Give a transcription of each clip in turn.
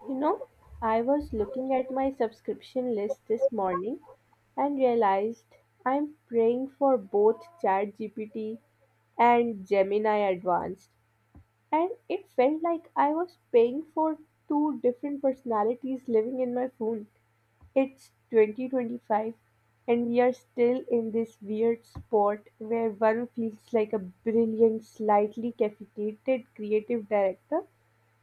You know, I was looking at my subscription list this morning and realized I'm paying for both ChatGPT and Gemini Advanced. And it felt like I was paying for two different personalities living in my phone. It's 2025, and we are still in this weird spot where one feels like a brilliant, slightly caffeinated creative director,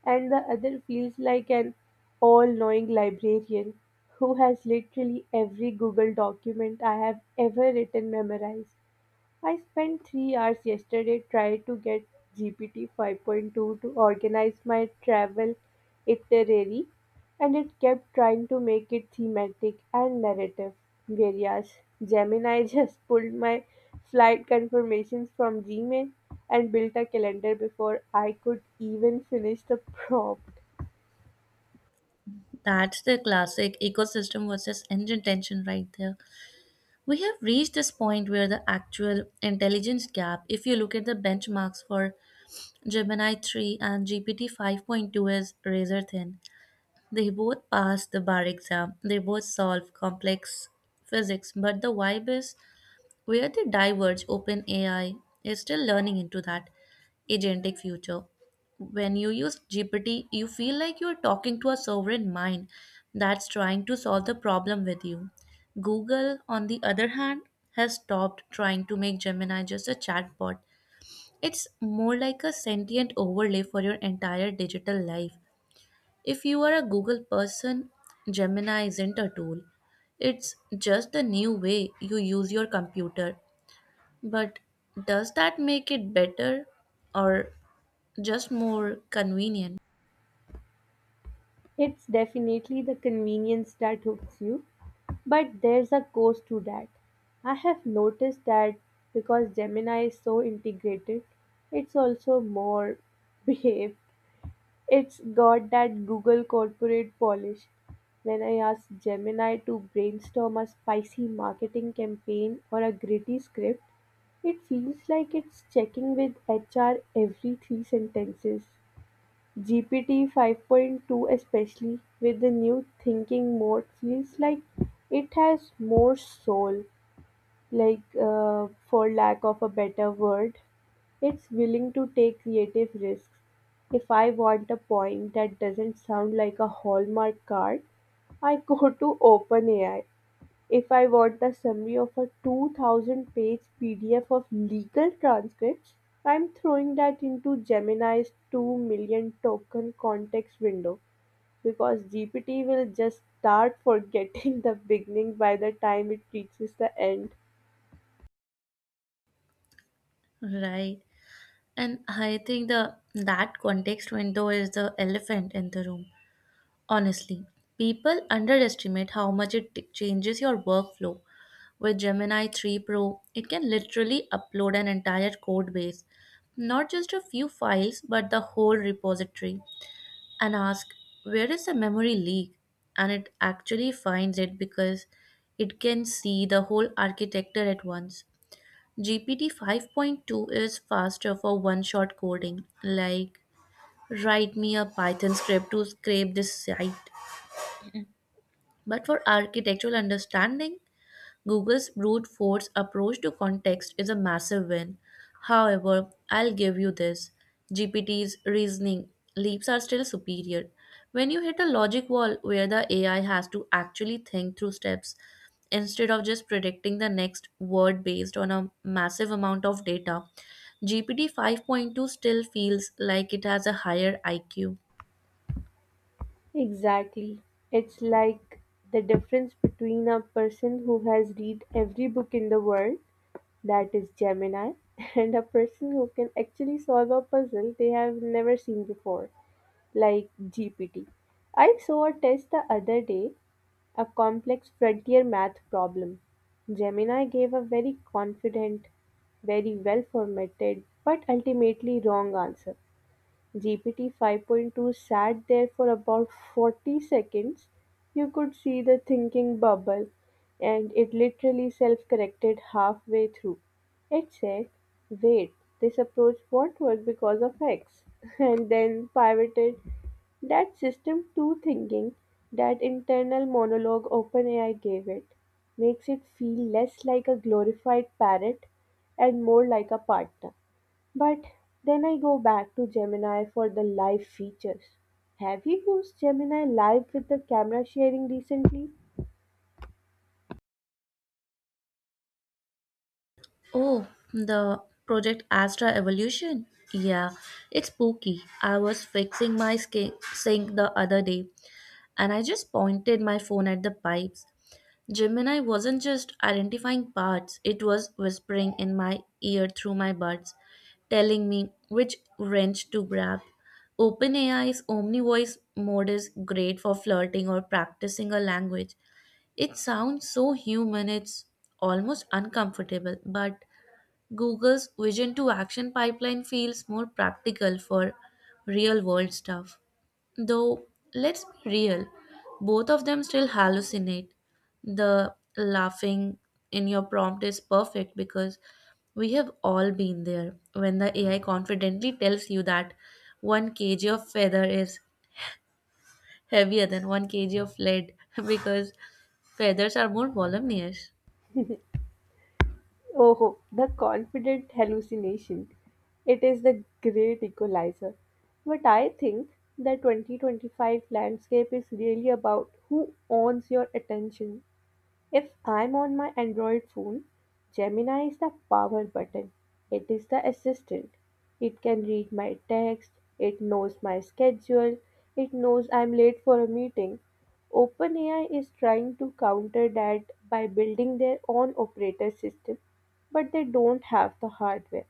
and the other feels like an all knowing librarian who has literally every Google document I have ever written memorized. I spent 3 hours yesterday trying to get GPT 5.2 to organize my travel itinerary, and it kept trying to make it thematic and narrative. Whereas Gemini just pulled my flight confirmations from Gmail and built a calendar before I could even finish the prompt. That's the classic ecosystem versus engine tension right there. We have reached this point where the actual intelligence gap, if you look at the benchmarks for Gemini 3 and GPT 5.2, is razor thin. They both pass the bar exam, they both solve complex physics, but the vibe is where they diverge. OpenAI is still learning into that agentic future. When you use GPT, you feel like you're talking to a sovereign mind that's trying to solve the problem with you. Google, on the other hand, has stopped trying to make Gemini just a chatbot. It's more like a sentient overlay for your entire digital life. If you are a Google person, Gemini isn't a tool. It's just the new way you use your computer. But does that make it better, or just more convenient? It's definitely the convenience that hooks you, but there's a cost to that. I have noticed that because Gemini is so integrated, it's also more behaved. It's got that Google corporate polish. When I ask Gemini to brainstorm a spicy marketing campaign or a gritty script, it feels like it's checking with HR every three sentences. GPT 5.2, especially with the new thinking mode, feels like it has more soul, like for lack of a better word, it's willing to take creative risks. If I want a point that doesn't sound like a hallmark card, I go to OpenAI. If I want the summary of a 2,000 page PDF of legal transcripts, I'm throwing that into Gemini's 2 million token context window because GPT will just start forgetting the beginning by the time it reaches the end. Right. And I think the that context window is the elephant in the room. Honestly, people underestimate how much it changes your workflow. With Gemini 3 Pro, it can literally upload an entire code base, not just a few files, but the whole repository, and ask, where is the memory leak, and it actually finds it because it can see the whole architecture at once. GPT 5.2 is faster for one shot coding, like, write me a Python script to scrape this site. But for architectural understanding, Google's brute force approach to context is a massive win. However, I'll give you this. GPT's reasoning leaps are still superior. When you hit a logic wall where the AI has to actually think through steps instead of just predicting the next word based on a massive amount of data, GPT 5.2 still feels like it has a higher IQ. Exactly. It's like the difference between a person who has read every book in the world, that is Gemini, and a person who can actually solve a puzzle they have never seen before, like GPT. I saw a test the other day, a complex frontier math problem. Gemini gave a very confident, very well formatted, but ultimately wrong answer. GPT 5.2 sat there for about 40 seconds. You could see the thinking bubble, and it literally self corrected halfway through. It said, "Wait, this approach won't work because of X," and then pivoted. That system 2 thinking, that internal monologue OpenAI gave it, makes it feel less like a glorified parrot and more like a partner. But then I go back to Gemini for the live features. Have you used Gemini Live with the camera sharing recently? Oh, the Project Astra Evolution? Yeah, it's spooky. I was fixing my sink the other day and I just pointed my phone at the pipes. Gemini wasn't just identifying parts, it was whispering in my ear through my buds, telling me which wrench to grab. OpenAI's OmniVoice mode is great for flirting or practicing a language. It sounds so human, it's almost uncomfortable, but Google's Vision to Action pipeline feels more practical for real world stuff. Though, let's be real, both of them still hallucinate. The laughing in your prompt is perfect because we have all been there when the AI confidently tells you that 1 kg of feather is heavier than 1 kg of lead because feathers are more voluminous. Oh, the confident hallucination. It is the great equalizer. But I think the 2025 landscape is really about who owns your attention. If I'm on my Android phone, Gemini is the power button. It is the assistant. It can read my text, it knows my schedule, it knows I'm late for a meeting. OpenAI is trying to counter that by building their own operator system, but they don't have the hardware.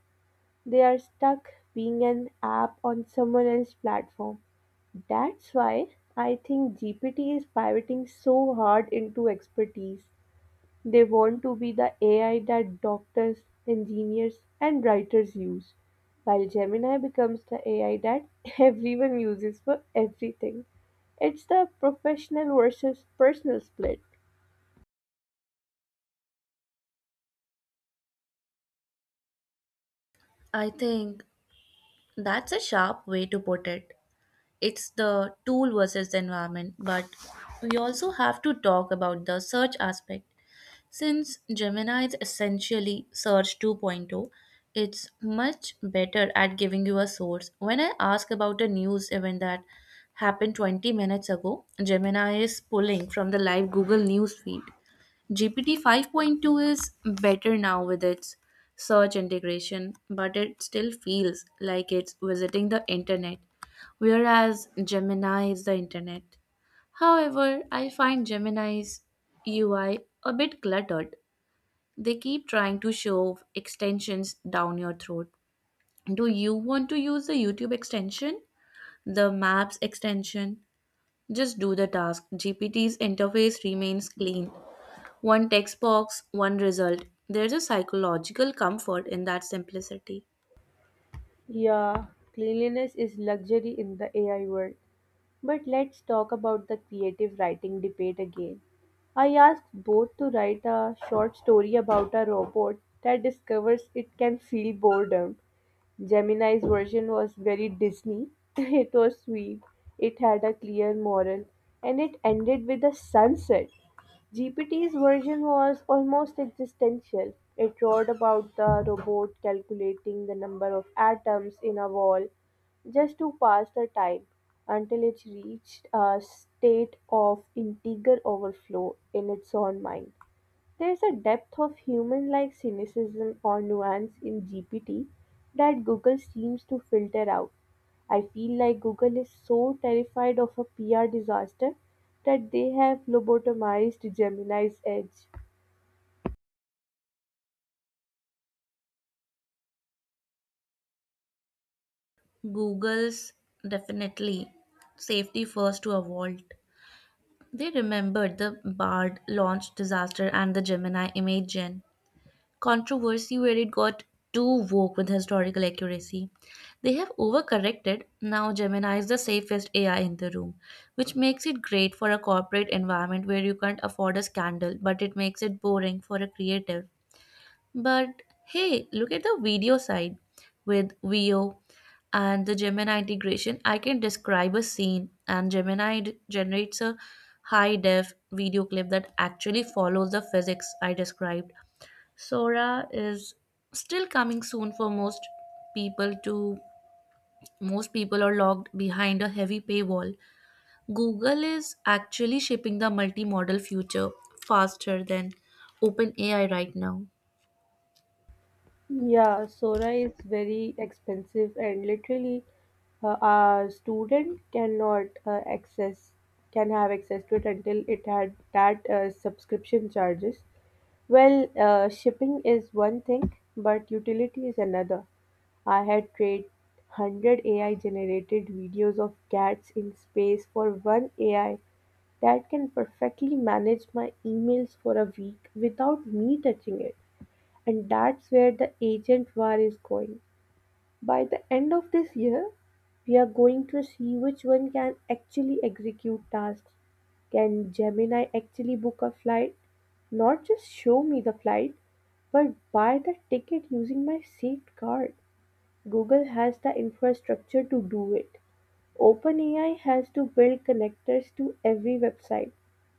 They are stuck being an app on someone else's platform. That's why I think GPT is pivoting so hard into expertise. They want to be the AI that doctors, engineers, and writers use, while Gemini becomes the AI that everyone uses for everything. It's the professional versus personal split. I think that's a sharp way to put it. It's the tool versus the environment, but we also have to talk about the search aspect. Since Gemini is essentially Search 2.0, it's much better at giving you a source. When I ask about a news event that happened 20 minutes ago, Gemini is pulling from the live Google News feed. GPT 5.2 is better now with its search integration, but it still feels like it's visiting the internet, whereas Gemini is the internet. However, I find Gemini's UI a bit cluttered. They keep trying to shove extensions down your throat. Do you want to use the YouTube extension? The Maps extension? Just do the task. GPT's interface remains clean: one text box, one result. There's a psychological comfort in that simplicity. Yeah, cleanliness is luxury in the AI world. But let's talk about the creative writing debate again. I asked both to write a short story about a robot that discovers it can feel boredom. Gemini's version was very Disney. It was sweet, it had a clear moral, and it ended with a sunset. GPT's version was almost existential. It wrote about the robot calculating the number of atoms in a wall just to pass the time until it reached a state of integer overflow in its own mind. There is a depth of human like cynicism or nuance in GPT that Google seems to filter out. I feel like Google is so terrified of a PR disaster that they have lobotomized Gemini's edge. Google's definitely safety first to a vault. They remembered the BARD launch disaster and the Gemini image gen controversy where it got too woke with historical accuracy. They have overcorrected. Now Gemini is the safest AI in the room, which makes it great for a corporate environment where you can't afford a scandal, but it makes it boring for a creative. But hey, look at the video side with VO and the Gemini integration. I can describe a scene, and Gemini generates a high def video clip that actually follows the physics I described. Sora is still coming soon for people to most people are locked behind a heavy paywall. Google is actually shipping the multimodal future faster than OpenAI right now. Yeah, Sora is very expensive and literally uh, a student cannot access can have access to it until it had that subscription charges. Shipping is one thing, but utility is another. I had trade 100 AI generated videos of cats in space for one AI that can perfectly manage my emails for a week without me touching it. And that's where the agent war is going. By the end of this year, we are going to see which one can actually execute tasks. Can Gemini actually book a flight? Not just show me the flight, but buy the ticket using my seat card. Google has the infrastructure to do it. OpenAI has to build connectors to every website.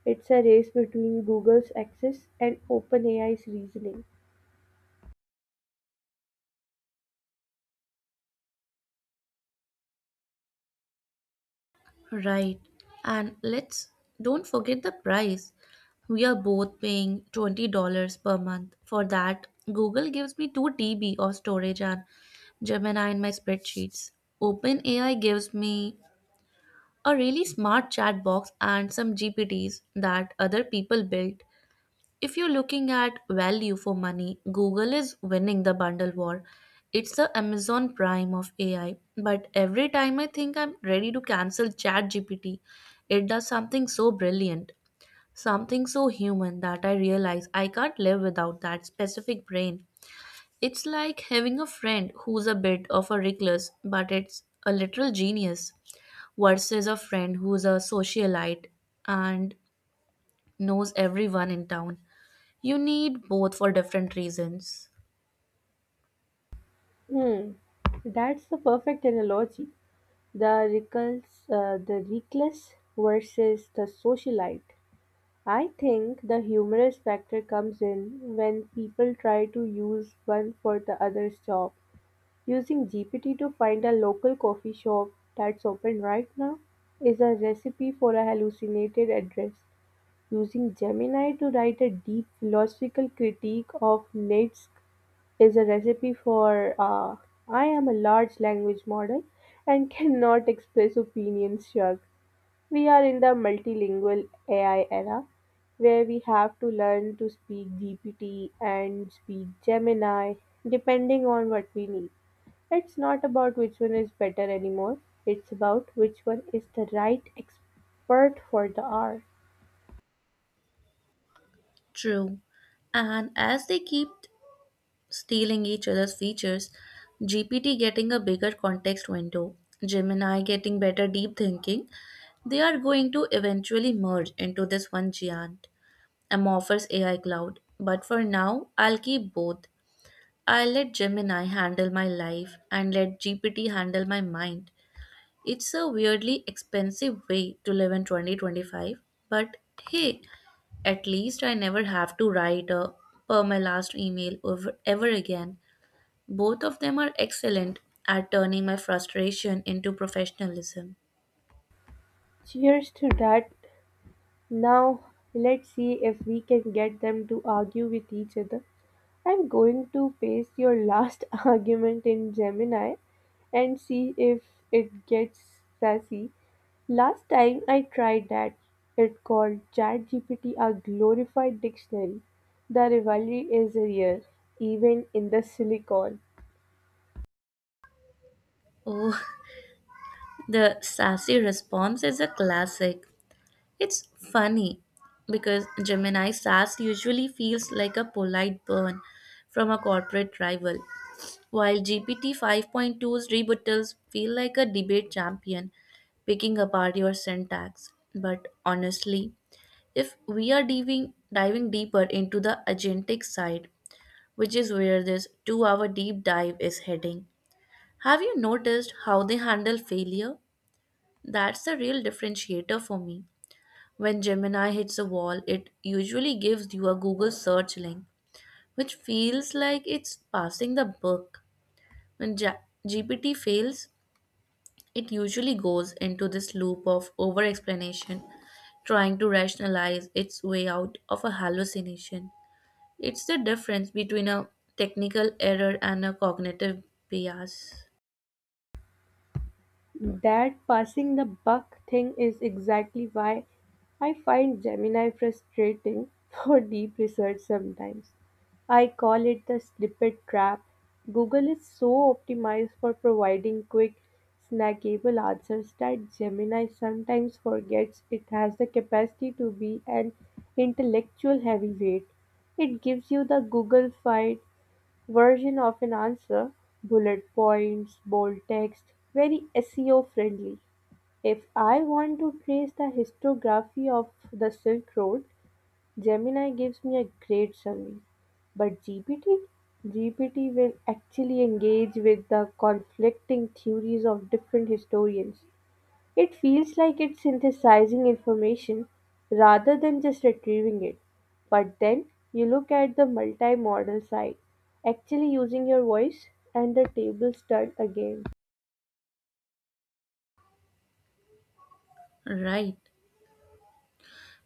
It's a race between Google's access and OpenAI's reasoning. Right. And let's don't forget the price. We are both paying $20 per month. For that, Google gives me 2 TB of storage and Gemini in my spreadsheets. OpenAI gives me a really smart chat box and some GPTs that other people built. If you're looking at value for money, Google is winning the bundle war. It's the Amazon Prime of AI. But every time I think I'm ready to cancel ChatGPT, it does something so brilliant, something so human that I realize I can't live without that specific brain. It's like having a friend who's a bit of a recluse, but it's a literal genius, versus a friend who's a socialite and knows everyone in town. You need both for different reasons. Hmm, that's the perfect analogy. The reckless versus the socialite. I think the humorous factor comes in when people try to use one for the other's job. Using GPT to find a local coffee shop that's open right now is a recipe for a hallucinated address. Using Gemini to write a deep philosophical critique of Nietzsche is a recipe for "I am a large language model and cannot express opinions," shrug. We are in the multilingual AI era where we have to learn to speak GPT and speak Gemini depending on what we need. It's not about which one is better anymore, it's about which one is the right expert for the hour. True. And as they keep stealing each other's features, GPT getting a bigger context window, Gemini getting better deep thinking, they are going to eventually merge into this one giant, amorphous AI cloud. But for now, I'll keep both. I'll let Gemini handle my life and let GPT handle my mind. It's a weirdly expensive way to live in 2025, but hey, at least I never have to write a "per my last email" ever, ever again. Both of them are excellent at turning my frustration into professionalism. Cheers to that. Now, let's see if we can get them to argue with each other. I'm going to paste your last argument in Gemini and see if it gets sassy. Last time I tried that, it called ChatGPT a glorified dictionary. The rivalry is real, even in the silicon. Oh, the sassy response is a classic. It's funny because Gemini sass usually feels like a polite burn from a corporate rival, while GPT 5.2's rebuttals feel like a debate champion picking apart your syntax. But honestly, if we are diving deeper into the agentic side, which is where this 2 hour deep dive is heading, have you noticed how they handle failure? That's the real differentiator for me. When Gemini hits a wall, it usually gives you a Google search link, which feels like it's passing the buck. When GPT fails, it usually goes into this loop of over explanation, trying to rationalize its way out of a hallucination. It's the difference between a technical error and a cognitive bias. That passing the buck thing is exactly why I find Gemini frustrating for deep research sometimes. I call it the snippet trap. Google is so optimized for providing quick, snackable answers that Gemini sometimes forgets it has the capacity to be an intellectual heavyweight. It gives you the Google fight version of an answer, bullet points, bold text, very SEO friendly. If I want to trace the historiography of the Silk Road, Gemini gives me a great summary. But GPT? GPT will actually engage with the conflicting theories of different historians. It feels like it's synthesizing information rather than just retrieving it. But then you look at the multimodal side, actually using your voice, and the tables turn again. Right.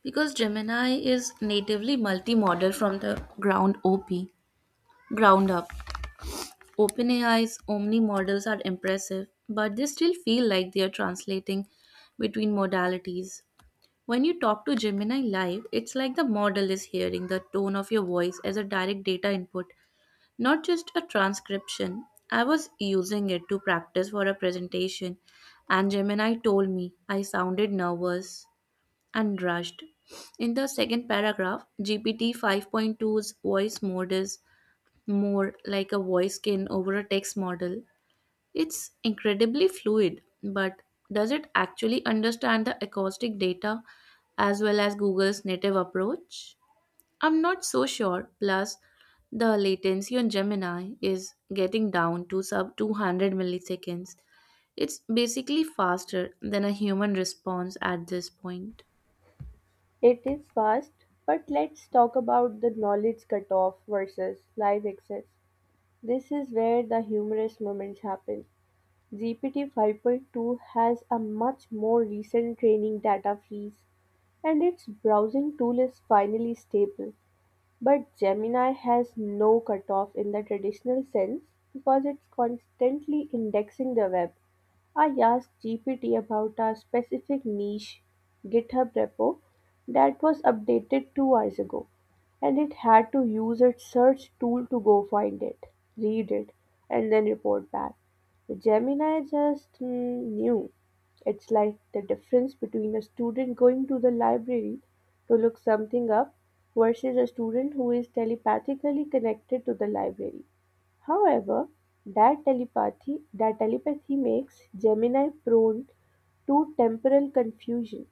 Because Gemini is natively multimodal from the ground up. OpenAI's Omni models are impressive, but they still feel like they are translating between modalities. When you talk to Gemini live, it's like the model is hearing the tone of your voice as a direct data input, not just a transcription. I was using it to practice for a presentation, and Gemini told me I sounded nervous and rushed. In the second paragraph, GPT 5.2's voice mode is more like a voice skin over a text model. It's incredibly fluid, but does it actually understand the acoustic data as well as Google's native approach? I'm not so sure. Plus, the latency on Gemini is getting down to sub 200 milliseconds. It's basically faster than a human response at this point. It is fast, but let's talk about the knowledge cutoff versus live access. This is where the humorous moments happen. GPT 5.2 has a much more recent training data fees, and its browsing tool is finally stable. But Gemini has no cutoff in the traditional sense because it's constantly indexing the web. I asked GPT about a specific niche GitHub repo that was updated 2 hours ago, and it had to use its search tool to go find it, read it, and then report back. Gemini just knew. It's like the difference between a student going to the library to look something up versus a student who is telepathically connected to the library. However, that telepathy makes Gemini prone to temporal confusion;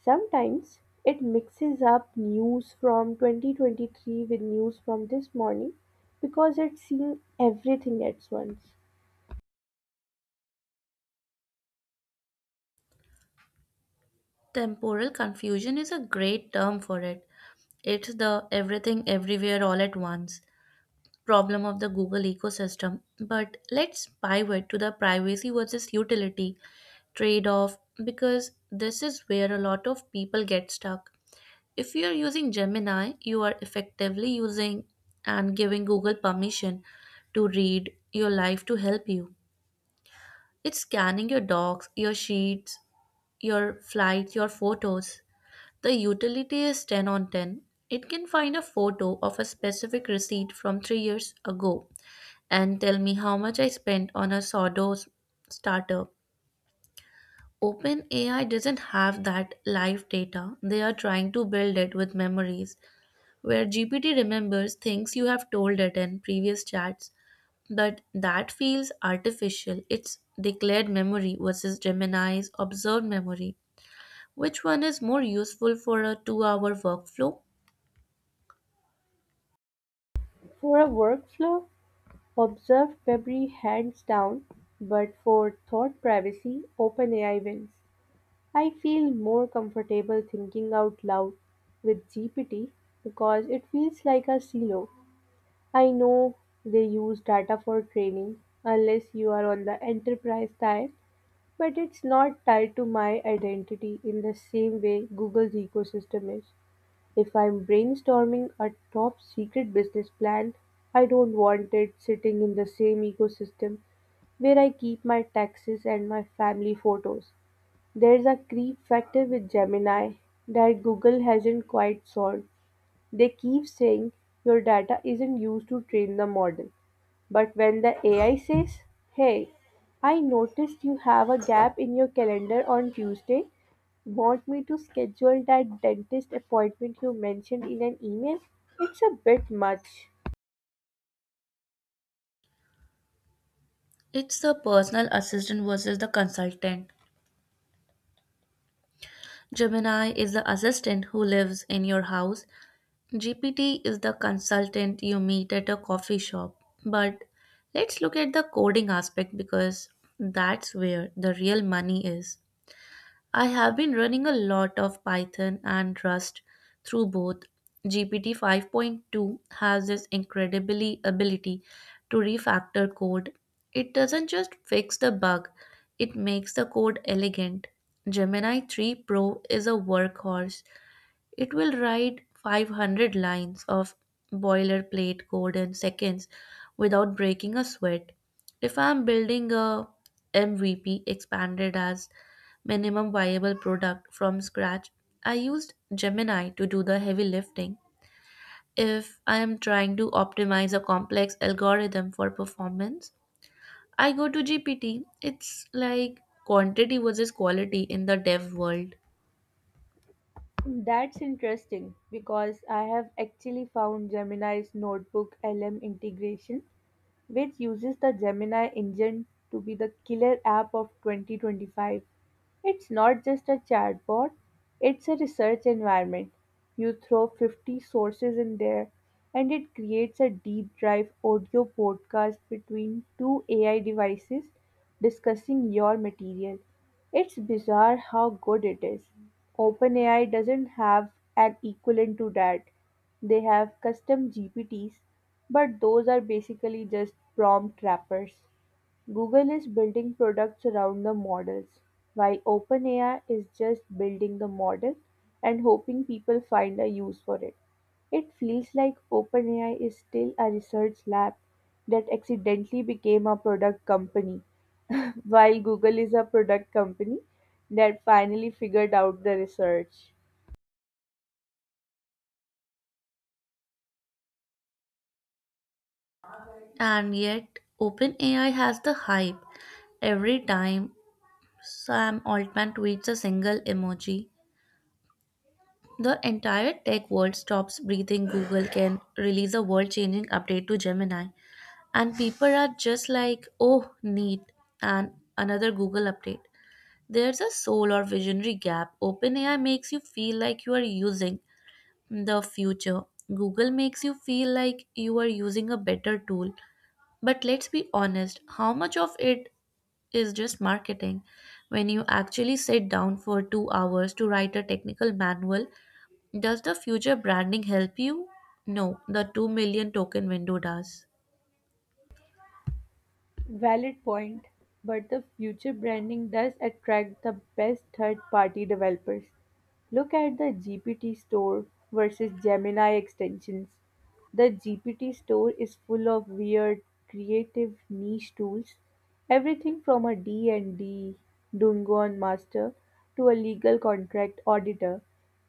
sometimes it mixes up news from 2023 with news from this morning because it's seeing everything at once. Temporal confusion is a great term for it. It's the everything everywhere all at once problem of the Google ecosystem. But let's pivot to the privacy versus utility trade off because this is where a lot of people get stuck. If you are using Gemini, you are effectively using and giving Google permission to read your life to help you. It's scanning your docs, your sheets, your flights, your photos. The utility is 10 on 10. It can find a photo of a specific receipt from 3 years ago and tell me how much I spent on a sourdough starter. OpenAI doesn't have that live data. They are trying to build it with memories where GPT remembers things you have told it in previous chats, but that feels artificial. It's declared memory versus Gemini's observed memory. Which one is more useful for a 2 hour workflow? For a workflow, observed February hands down, but for thought privacy, OpenAI wins. I feel more comfortable thinking out loud with GPT because it feels like a silo. I know they use data for training unless you are on the enterprise tier, but it's not tied to my identity in the same way Google's ecosystem is. If I'm brainstorming a top secret business plan, I don't want it sitting in the same ecosystem where I keep my taxes and my family photos. There's a creep factor with Gemini that Google hasn't quite solved. They keep saying your data isn't used to train the model. But when the AI says, "Hey, I noticed you have a gap in your calendar on Tuesday, want me to schedule that dentist appointment you mentioned in an email?" It's a bit much. It's the personal assistant versus the consultant. Gemini is the assistant who lives in your house. GPT is the consultant you meet at a coffee shop. But let's look at the coding aspect because that's where the real money is. I have been running a lot of Python and Rust through both. GPT 5.2 has this incredibly ability to refactor code. It doesn't just fix the bug, it makes the code elegant. Gemini 3 Pro is a workhorse. It will write 500 lines of boilerplate code in seconds without breaking a sweat. If I'm building a MVP, expanded as minimum viable product, from scratch, I used Gemini to do the heavy lifting. If I am trying to optimize a complex algorithm for performance, I go to GPT. It's like quantity versus quality in the dev world. That's interesting because I have actually found Gemini's notebook LM integration, which uses the Gemini engine, to be the killer app of 2025. It's not just a chatbot, it's a research environment. You throw 50 sources in there, and it creates a deep dive audio podcast between two AI devices discussing your material. It's bizarre how good it is. OpenAI doesn't have an equivalent to that. They have custom GPTs, but those are basically just prompt wrappers. Google is building products around the models, while OpenAI is just building the model and hoping people find a use for it. It feels like OpenAI is still a research lab that accidentally became a product company, while Google is a product company that finally figured out the research. And yet, OpenAI has the hype. Every time Sam Altman tweets a single emoji, the entire tech world stops breathing. Google can release a world changing update to Gemini, and people are just like, oh, neat, and another Google update. There's a soul or visionary gap. OpenAI makes you feel like you are using the future. Google makes you feel like you are using a better tool. But let's be honest, how much of it is just marketing? When you actually sit down for 2 hours to write a technical manual, does the future branding help you? No, the 2 million token window does. Valid point, but the future branding does attract the best third party developers. Look at the GPT store versus Gemini extensions. The GPT store is full of weird, creative niche tools, everything from a D&D Dungon master to a legal contract auditor.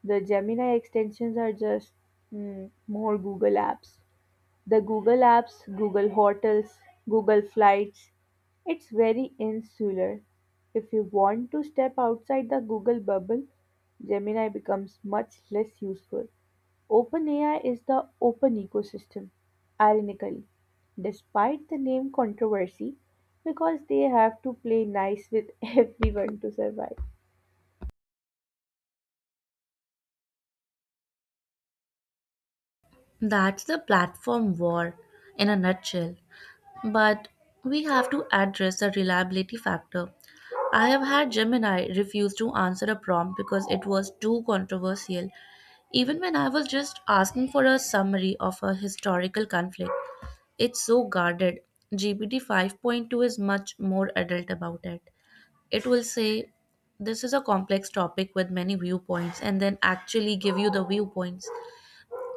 The Gemini extensions are just more Google apps. The Google Apps, Google Hotels, Google Flights, it's very insular. If you want to step outside the Google bubble, Gemini becomes much less useful. OpenAI is the open ecosystem, ironically, despite the name controversy, because they have to play nice with everyone to survive. That's the platform war in a nutshell. But we have to address the reliability factor. I have had Gemini refuse to answer a prompt because it was too controversial, even when I was just asking for a summary of a historical conflict. It's so guarded. GPT 5.2 is much more adult about it. It will say, this is a complex topic with many viewpoints, and then actually give you the viewpoints.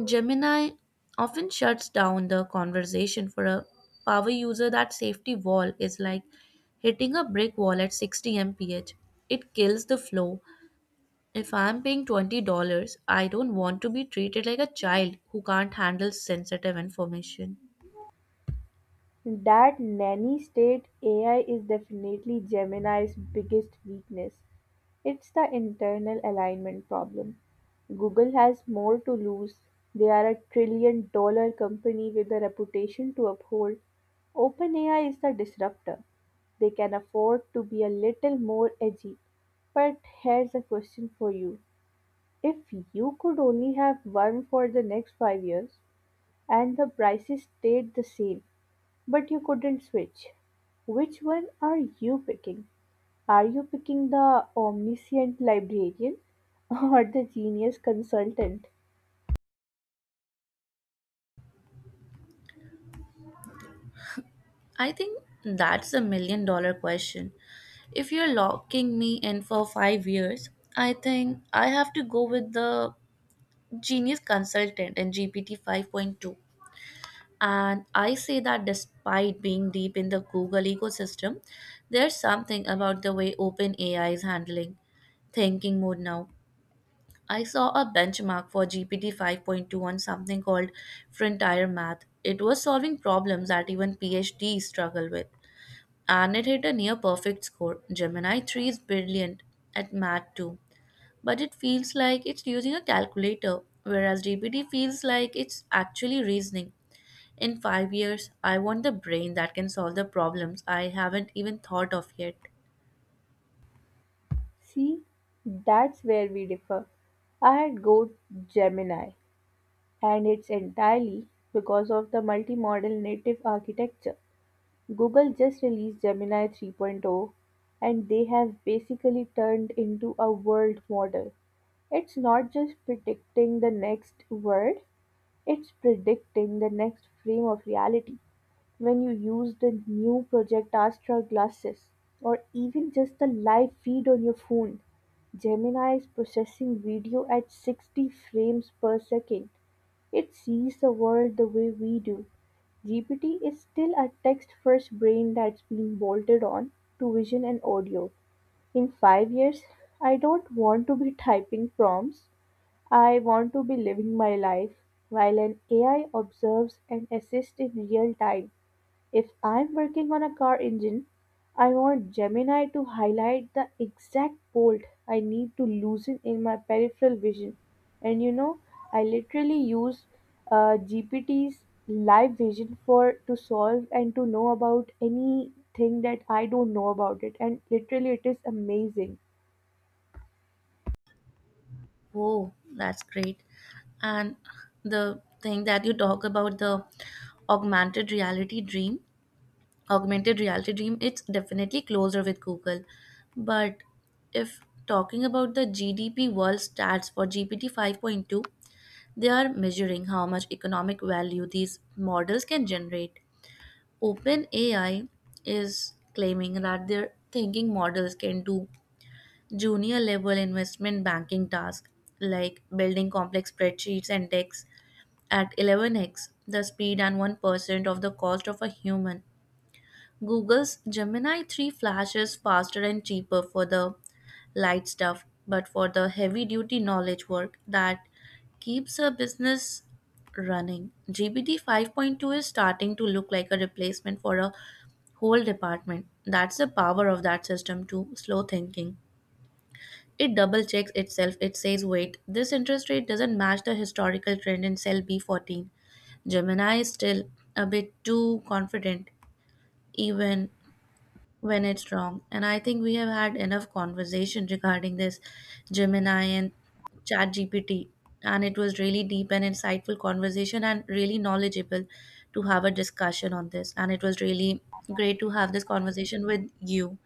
Gemini often shuts down the conversation for a power user. That safety wall is like hitting a brick wall at 60 mph. It kills the flow. If I'm paying $20, I don't want to be treated like a child who can't handle sensitive information. That nanny-state AI is definitely Gemini's biggest weakness. It's the internal alignment problem. Google has more to lose. They are a $1 trillion company with a reputation to uphold. OpenAI is the disruptor. They can afford to be a little more edgy. But here's a question for you. If you could only have one for the next 5 years and the prices stayed the same, but you couldn't switch, which one are you picking? Are you picking the omniscient librarian or the genius consultant? I think that's a million dollar question. If you're locking me in for 5 years, I think I have to go with the Genius Consultant and GPT 5.2. And I say that despite being deep in the Google ecosystem, there's something about the way OpenAI is handling thinking mode now. I saw a benchmark for GPT 5.2 on something called frontier math. It was solving problems that even PhDs struggle with, and it hit a near perfect score. Gemini 3 is brilliant at math too, but it feels like it's using a calculator, whereas GPT feels like it's actually reasoning. In 5 years, I want the brain that can solve the problems I haven't even thought of yet. See, that's where we differ. I had Go Gemini, and it's entirely because of the multimodal native architecture. Google just released Gemini 3.0 and they have basically turned into a world model. It's not just predicting the next word, it's predicting the next frame of reality when you use the new Project Astra glasses or even just the live feed on your phone. Gemini is processing video at 60 frames per second. It sees the world the way we do. GPT is still a text first brain that's being bolted on to vision and audio. In 5 years, I don't want to be typing prompts, I want to be living my life while an AI observes and assists in real time. If I'm working on a car engine, I want Gemini to highlight the exact bolt I need to loosen in my peripheral vision. And you know, I literally use GPT's live vision for to solve and to know about anything that I don't know about it. And literally, it is amazing. Whoa, that's great. And the thing that you talk about, the augmented reality dream, augmented reality dream, it's definitely closer with Google. But if talking about the GDP world stats for GPT 5.2, they are measuring how much economic value these models can generate. OpenAI is claiming that their thinking models can do junior level investment banking tasks like building complex spreadsheets and decks at 11x the speed and 1% of the cost of a human. Google's Gemini 3 Flash is faster and cheaper for the light stuff, but for the heavy duty knowledge work that keeps a business running, GPT 5.2 is starting to look like a replacement for a whole department. That's the power of that system to slow thinking. It double checks itself. It says, wait, this interest rate doesn't match the historical trend in cell B14. Gemini is still a bit too confident, even when it's wrong. And I think we have had enough conversation regarding this Gemini and ChatGPT. And it was really deep and insightful conversation and really knowledgeable to have a discussion on this. And it was really great to have this conversation with you.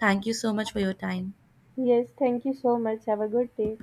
Thank you so much for your time. Yes, thank you so much. Have a good day.